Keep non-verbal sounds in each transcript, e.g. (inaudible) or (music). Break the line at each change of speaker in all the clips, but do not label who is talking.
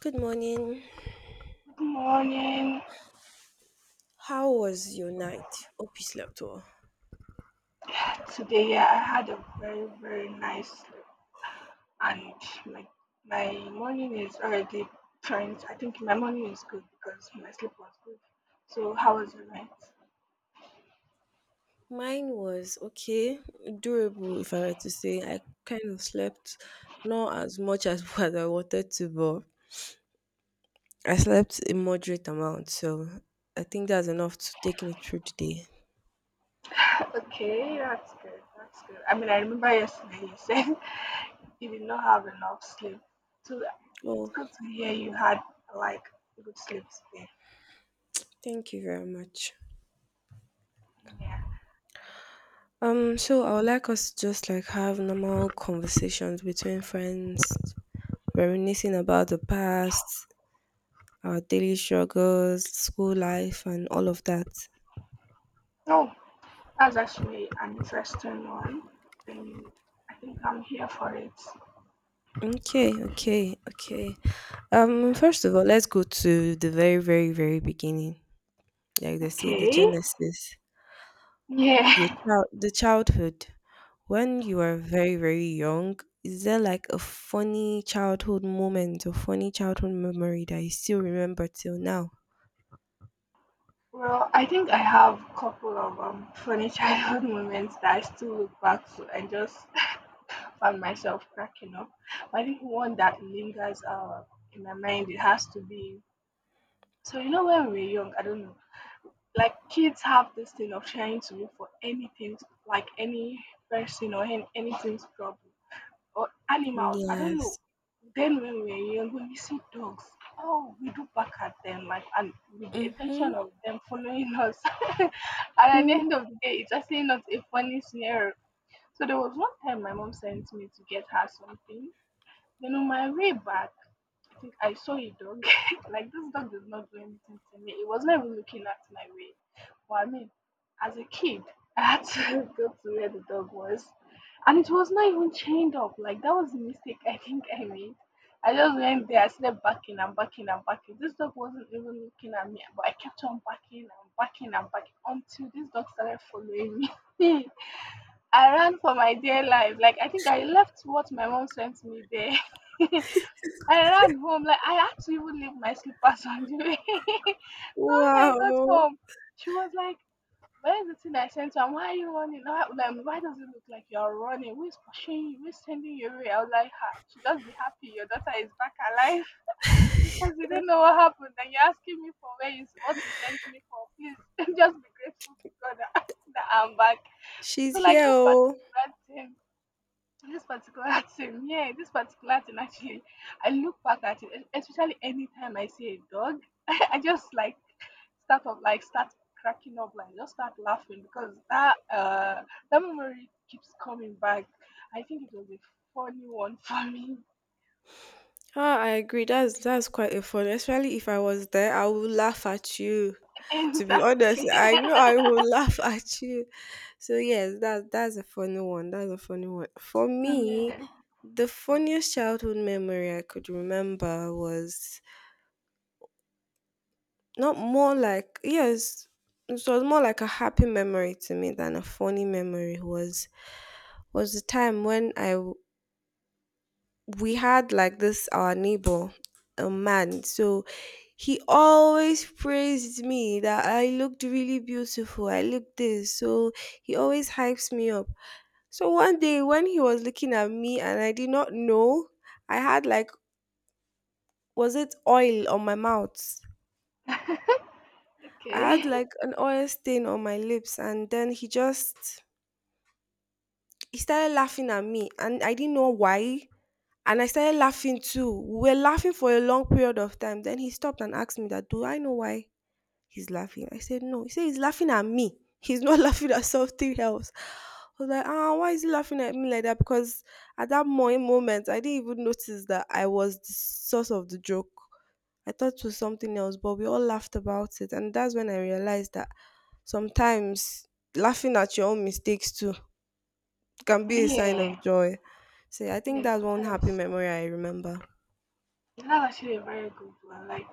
Good morning.
Good morning.
How was your night? Hope you slept well.
Today, yeah, I had a very nice sleep, and my my morning is already I think my morning is good because my sleep was good. So how was your night?
Mine was okay, durable, if I were to say. I kind of slept not as much as (laughs) what I wanted to, but I slept a moderate amount. So I think that's enough to take me through the day.
(laughs) Okay, that's good. That's good. I mean, I remember yesterday you said (laughs) you did not have enough sleep, so it's
Well,
good to hear you had, like, good sleep today.
thank you very much.
Yeah.
So I would like us to just like have normal conversations between friends, reminiscing about the past, our daily struggles, school life, and all of that.
Oh, that's actually an interesting one, and I think I'm here for it.
Okay, okay, okay.
Yeah.
First of all, let's go to the very, very, very beginning. Like they say, the
Okay.
genesis, your
Yeah. (laughs)
child, the childhood. When you are very, very young, is there like a funny childhood moment or funny childhood memory that you still remember till now?
Well, I think I have a couple of funny childhood (laughs) moments that I still look back to and just (laughs) find myself cracking up. But I think one that lingers, in my mind, it has to be. So, when we were young, I don't know, like kids have this thing of trying to look for anything, like any person or anything's problem, or animals. I don't know.
Yes.
Then when we were young, when we see dogs, oh, we do bark at them, like, and with the
Mm-hmm.
intention of them following us. (laughs) And at the end of the day, it's actually not a funny scenario. So there was one time my mom sent me to get her something. Then on my way back, I think I saw a dog. (laughs) Like, this dog did not do anything to me. It was not even looking at my way. But I mean, as a kid, (laughs) I had to (laughs) go to where the dog was, and it was not even chained up. Like, that was a mistake I (laughs) think I made. I just went there. I started backing and backing and backing. This dog wasn't even looking at me, but I kept on backing and backing and backing until this dog started following me. (laughs) I ran for my dear life. Like, I think I left what my mom sent me there. (laughs) I ran home. Like, I had to even leave my slippers on the way. (laughs) So when I got
Wow.
home, she was like, "Where's the thing I sent you? And why are you running? Why, like, why does it look like you're running? Who's pushing you? Who's sending you away?" I was like, "Ha! She just be happy your daughter is back alive (laughs) because you don't know what happened, and you're asking me for where you what you sent me for. Please (laughs) just be grateful to God that, (laughs) that I'm back."
She's
So, like,
here. Oh.
thing this particular (laughs) thing, yeah, this particular thing actually, I look back at it, especially anytime I see a dog, (laughs) I just, like, start up, like, start cracking up, like, just start laughing because that memory keeps coming back. I think it was a funny one for me.
Ah, I agree. That's quite a fun. Especially if I was there, I would laugh at you.
(laughs)
To be honest,
Exactly.
I
(laughs)
know I will (laughs) laugh at you. So yes, that's a funny one. That's a funny one. For me,
Yeah.
the funniest childhood memory I could remember was not more like yes, it was more like a happy memory to me than a funny memory was the time when we had like this our neighbor, a man. So he always praised me that I looked really beautiful, I looked this. So he always hypes me up. So one day when he was looking at me and I did not know, I had like, was it oil on my mouth?
(laughs) Okay.
I had like an oil stain on my lips, and then he started laughing at me, and I didn't know why. And I started laughing too. We were laughing for a long period of time. Then he stopped and asked me that, do I know why he's laughing? I said, no. He said, he's laughing at me. He's not (laughs) laughing at something else. I was like, ah, why is he laughing at me like that? Because at that moment, I didn't even notice that I was the source of the joke. I thought it was something else, but we all laughed about it. And that's when I realized that sometimes laughing at your own mistakes too can be a sign of
Yeah.
joy. So yeah, I think
Yes,
that's one
it
happy
is.
memory I remember.
That's actually a very good one. Like,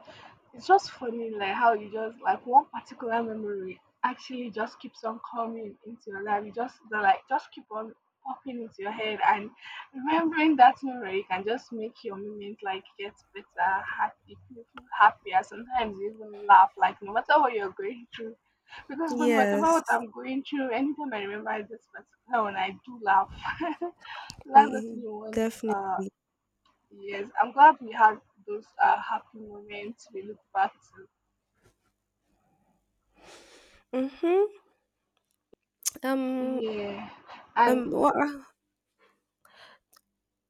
it's just funny, like how you just, like, one particular memory actually just keeps on coming into your life. You just they, like, just keep on popping into your head, and remembering that memory can just make your moment, like, get better, happy, you feel happier. Sometimes you even laugh, like, no matter what you're going through. Because when whatever what
Yes,
I'm going through, anytime I remember this particular one, I do laugh. (laughs) That's the
y-
thing.
definitely.
Uh, yes, I'm glad we had those happy moments. We look back to.
Mm-hmm. Um,
Yeah, and
um, what,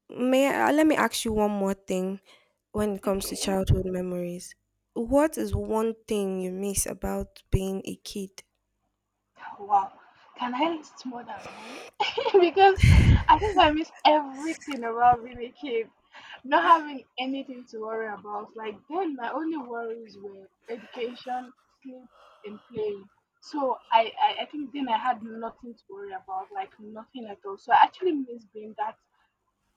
may I, let me ask you one more thing when it comes to
okay,
childhood memories. What is one thing you miss about being a kid?
wow. Can I list more than one? (laughs) Because I think I miss everything about being a kid, not having anything to worry about. Like then, my only worries were education, sleep, and playing. So I think then I had nothing to worry about, like nothing at all. So I actually miss being that,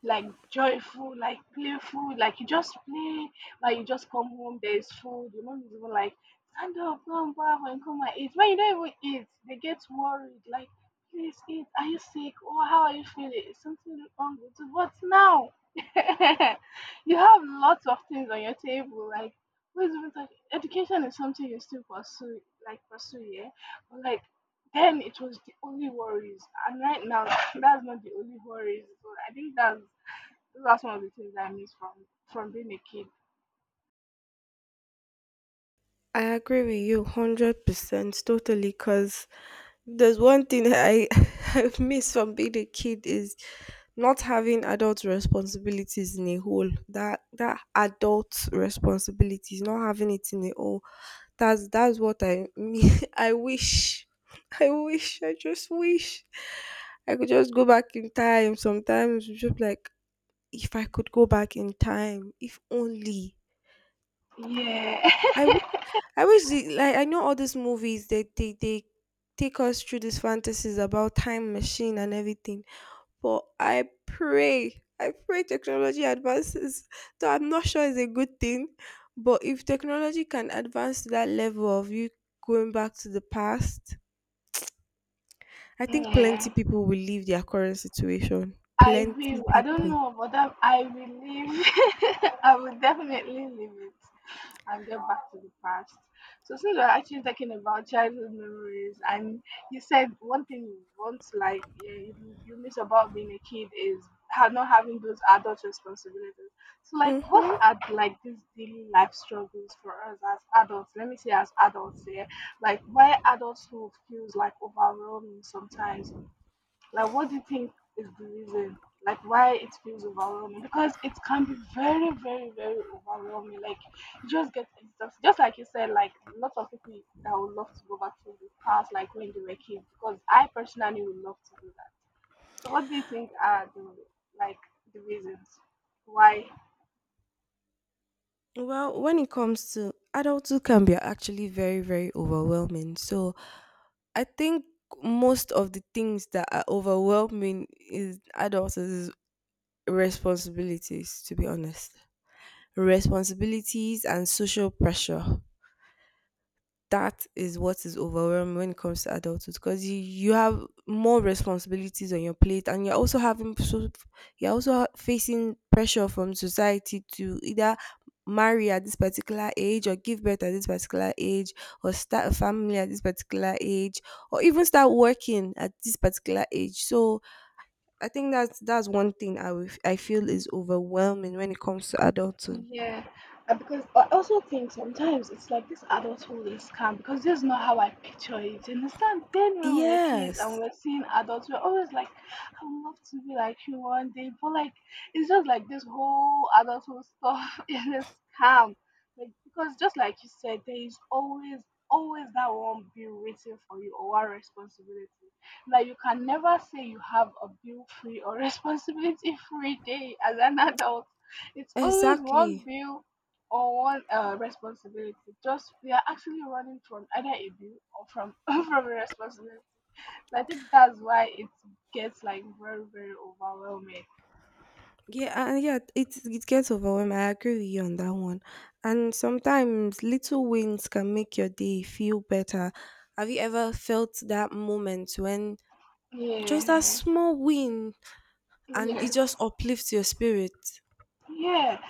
like, joyful, like, playful, like you just play, like you just come home, there's food, your mom is even like, stand up, go and bath and come and eat. When you don't even eat, they get worried, like, please eat, are you sick? Or how are you feeling? Is something wrong with you? What now? (laughs) You have lots of things on your table, like, what is even talking? Education is something you still pursue, like, pursue, yeah. But, like, then it was the only worries, and right now (laughs) (clears throat) that's not the only worries. So I think that's one of the things I miss from being a kid.
I agree with you 100% totally because there's one thing I (laughs) have missed from being a kid is not having adult responsibilities in a whole. That adult responsibilities, not having it in a whole. That's what I mean. (laughs) I wish. I wish. I just wish I could just go back in time. Sometimes it's just like if I could go back in time, if only.
Yeah.
I,
(laughs)
w- I wish the like I know all these movies they take us through these fantasies about time machine and everything. But I pray technology advances. Though I'm not sure it's a good thing, but if technology can advance to that level of you going back to the past, I think plenty
Yeah.
people will leave their current situation.
I
Plenty
will. I don't
people.
know, but that I will live. (laughs) I will definitely live it, and get back to the past. So, since we're actually talking about childhood memories, and you said one thing you want, like you, you miss about being a kid is not having those adult responsibilities. So, like, what
Mm-hmm.
are, like, these daily life struggles for us as adults? Let me say as adults here, like, why adulthood feels, like, overwhelming sometimes, like, what do you think is the reason? Like, why it feels overwhelming? Because it can be very, very, very overwhelming. Like, you just get exhausted. Just like you said, like, lots of people that would love to go back to the past, like when they were kids, because I personally would love to do that. So, what do you think are the, like, the reasons why?
Well, when it comes to adulthood, can be actually very, very overwhelming. So I think most of the things that are overwhelming is adults is responsibilities, to be honest. Responsibilities and social pressure, that is what is overwhelming when it comes to adulthood, because you have more responsibilities on your plate, and you're also having so you're also facing pressure from society to either marry at this particular age, or give birth at this particular age, or start a family at this particular age, or even start working at this particular age. So I think that's one thing I will, I feel is overwhelming when it comes to adulthood.
Yeah, because I also think sometimes it's like this adulthood is scam because this is not how I picture it. You understand? Then when we are kids and
Yes,
we are seeing adults, we are always like, I would love to be like you one day, but, like, it's just like this whole adulthood stuff (laughs) is a scam. Like, because just like you said, there is always that one bill waiting for you or one responsibility. Like, you can never say you have a bill free or (laughs) responsibility free day as an adult. It's always one
exactly.
bill or one, responsibility. Just, we are actually running from either a bill or from (laughs) from a responsibility. So I think that's why it gets, like, very very overwhelming.
Yeah, yeah, it gets overwhelming. I agree with you on that one. And sometimes little wins can make your day feel better. Have you ever felt that moment when just that
Yeah.
small win and it
Yes.
just uplifts your spirit?
Yeah,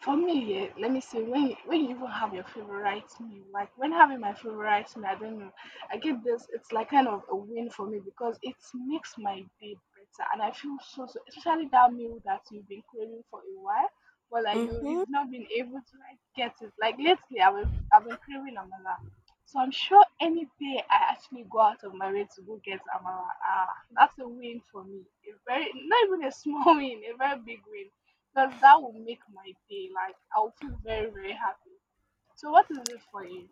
for me, yeah, let me say when you even have your favorite meal, like when having my favorite meal, I don't know, I get this. It's like kind of a win for me because it makes my day better, and I feel so so. Especially that meal that you've been craving for a while, but, like, you
Mm-hmm.
you've not been able to, like, get it. Like, lately, I've been craving amala, so I'm sure any day I actually go out of my way to go get amala, ah, that's a win for me. A very, not even a small (laughs) win, a very big win, because that will make my day. Like, I'll feel very very happy. So what is it for you?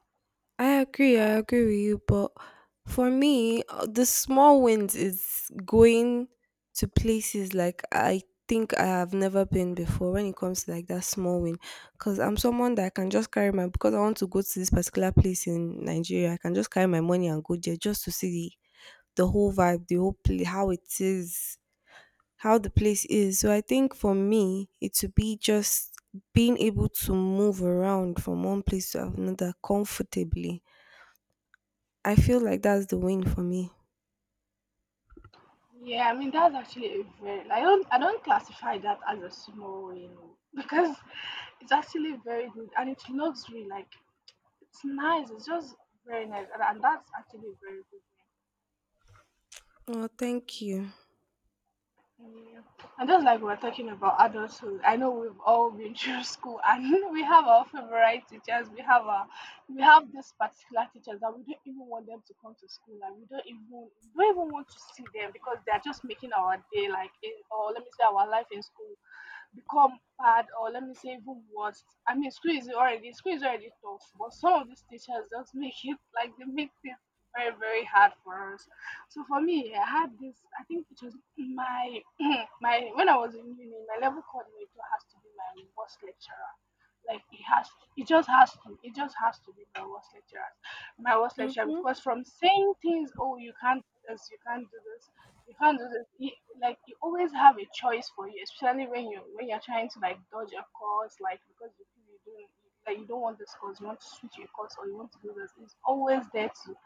I agree. I agree with you. But for me, the small wins is going to places like I think I have never been before when it comes to like that small win. Because I'm someone that I can just carry my, because I want to go to this particular place in Nigeria, I can just carry my money and go there just to see the whole vibe, the whole place, how it is, how the place is. So I think for me, it would be just being able to move around from one place to another comfortably. I feel like that's the win for me.
Yeah, I mean that's actually a very. I don't classify that as a small win oh, (laughs) because it's actually very good and it looks really like it's nice. It's just very nice and that's actually very good.
Oh, thank you.
Yeah. And just like we're talking about adulthood, I know we've all been through (laughs) school and (laughs) we have our favorite teachers. We have our, we have this particular teachers that we don't even want them to come to school and we don't even want to see them because they are just making our day like in, or let me say our life in school become bad or let me say even worse. I mean, school is already tough, but some of these teachers just make it (laughs) like they make things very very hard for us. So for me, I had this. I think it was my (clears throat) my when I was in uni, my level coordinator has to be my worst lecturer. Like it has, it just has to, it just has to be my worst lecturer, my worst lecturer.
Mm-hmm.
Because from saying things, oh, you can't do this, you can't do this. You, like you always have a choice for you, especially when you're trying to, like, dodge a course, like because you feel you don't, like you don't want this course, you want to switch your course or you want to do this. It's always there to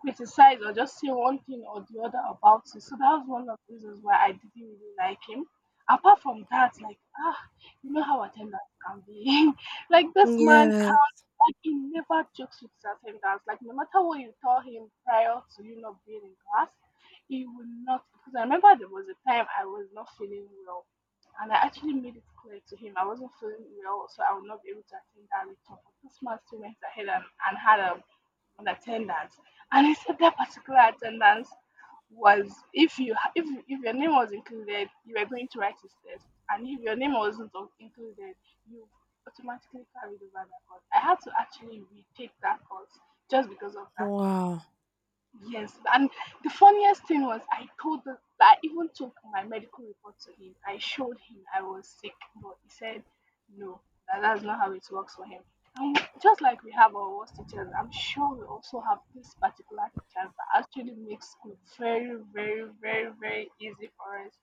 criticize or just say one thing or the other about it. So that was one of the reasons why I didn't really like him. Apart from that, like, ah, you know how attendance can be. (laughs) Like, this man can,
Yes.
like, he never jokes with his attendance. Like, no matter what you tell him prior to you not being in class, he will not because I remember there was a time I was not feeling well. And I actually made it clear to him I wasn't feeling well, so I would not be able to attend that lecture. But this man still went ahead and had a on attendance. And he said that particular attendance was if you if your name was included, you were going to write his test, and if your name wasn't included, you automatically carried over that course. I had to actually retake that course just because of that.
Wow.
Yes, and the funniest thing was I told the I even took my medical report to him. I showed him I was sick, but he said no, that's not how it works for him. And just like we have our worst teachers, I'm sure we also have this particular teacher that actually makes school very, very, very, very easy for us.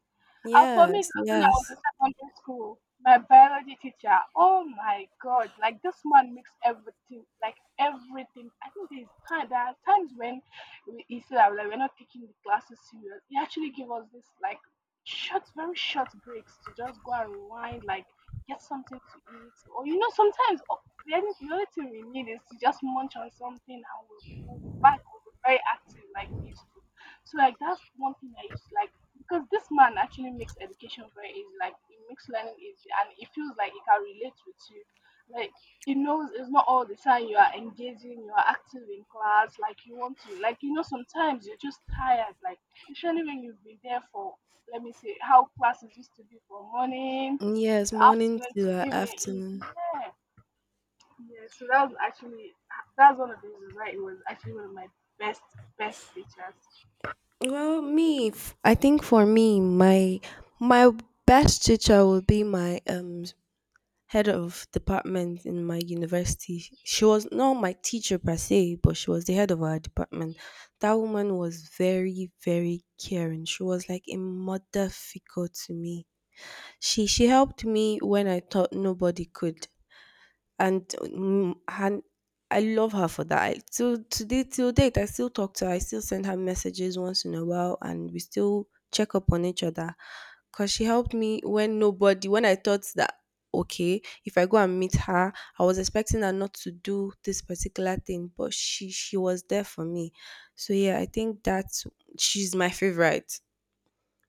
And for me, it
Yes.
was when I was in
Yes.
secondary school, my biology teacher, oh my God, like this man makes everything, like everything. I think there's time, there are times when we, he said that like, we're not taking the classes serious. He actually gave us this like short, very short breaks to just go and rewind, like get something to eat. Or, you know, sometimes oh, the only thing we need is to just munch on something and we'll, we'll be back, we'll be very active like we used to. So, like, that's one thing I used to like because this man actually makes education very easy. Like, he makes learning easy, and it feels like he can relate with you. Like, he knows it's not all the time you are engaging, you are active in class, like you want to. Like, you know, sometimes you're just tired. Like, especially when you've been there for, let me say, how classes used to be from morning to
Yes.
the
Morning
afternoon
to
to evening. In
afternoon.
yeah, yeah. So that was actually that's one of the reasons why it was actually one of my best best teachers.
Well, me, I think for me, my best teacher would be my head of department in my university. She was not my teacher per se, but she was the head of our department. That woman was very, very caring. She was like a mother figure to me. She helped me when I thought nobody could, and mm, and I love her for that. I, till today, till date, I still talk to her. I still send her messages once in a while, and we still check up on each other. Cause she helped me when nobody, when I thought that okay, if I go and meet her, I was expecting her not to do this particular thing, but she was there for me. So yeah, I think that's she's my favorite.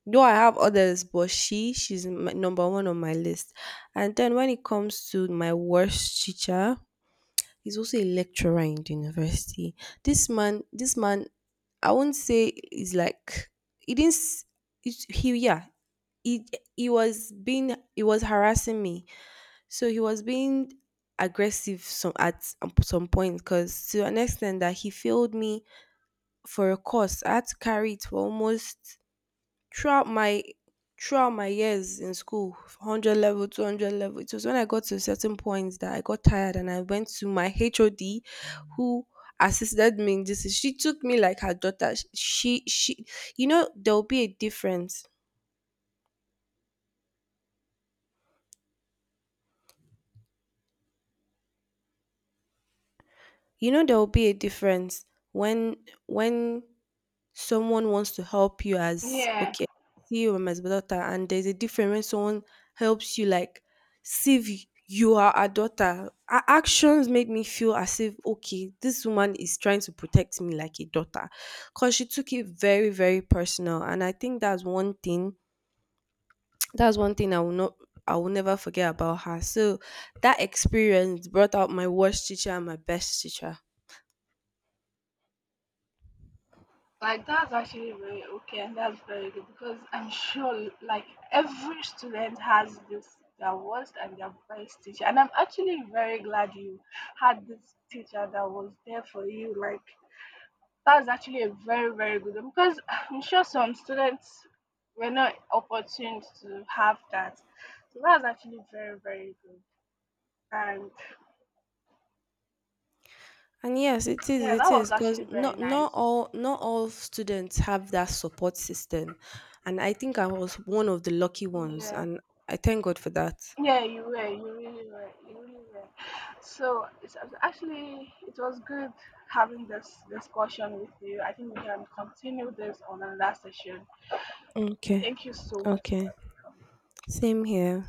Though I have others, but she's my, number one on my list. And then when it comes to my worst teacher, he's also a lecturer in the university. This man, this man, I won't say is like he didn't. S- It's, he yeah, he he was being, he was harassing me. So he was being aggressive some at some point, because to an extent that he failed me for a course. I had to carry it for almost throughout my throughout my years in school, 100 level, 200 level. It was when I got to a certain point that I got tired, and I went to my HOD who assisted me in this. She took me like her daughter. You know, there will be a difference. You know, there will be a difference when, when someone wants to help you as
Yeah.
okay, see you I'm as my daughter, and there's a difference when someone helps you like see if you are a daughter. Her actions made me feel as if okay, this woman is trying to protect me like a daughter, because she took it very, very personal, and I think that's one thing. That's one thing I will not. I will never forget about her. So that experience brought out my worst teacher and my best teacher.
Like, that's actually very okay and that's very good because I'm sure like every student has this their worst and their best teacher and I'm actually very glad you had this teacher that was there for you, like that's actually a very very good one because I'm sure some students were not opportune to have that, so that's actually very very good, and
And yes,
yeah
it
that was
is, because
actually very
not
nice.
all not all students have that support system. And I think I was one of the lucky ones,
Yeah.
and I thank God for that.
Yeah, you were. You really were. You really were. So it's actually it was good having this discussion with you. I think we can continue this on another session.
Okay.
Thank you so much
Okay.
for coming.
Same here.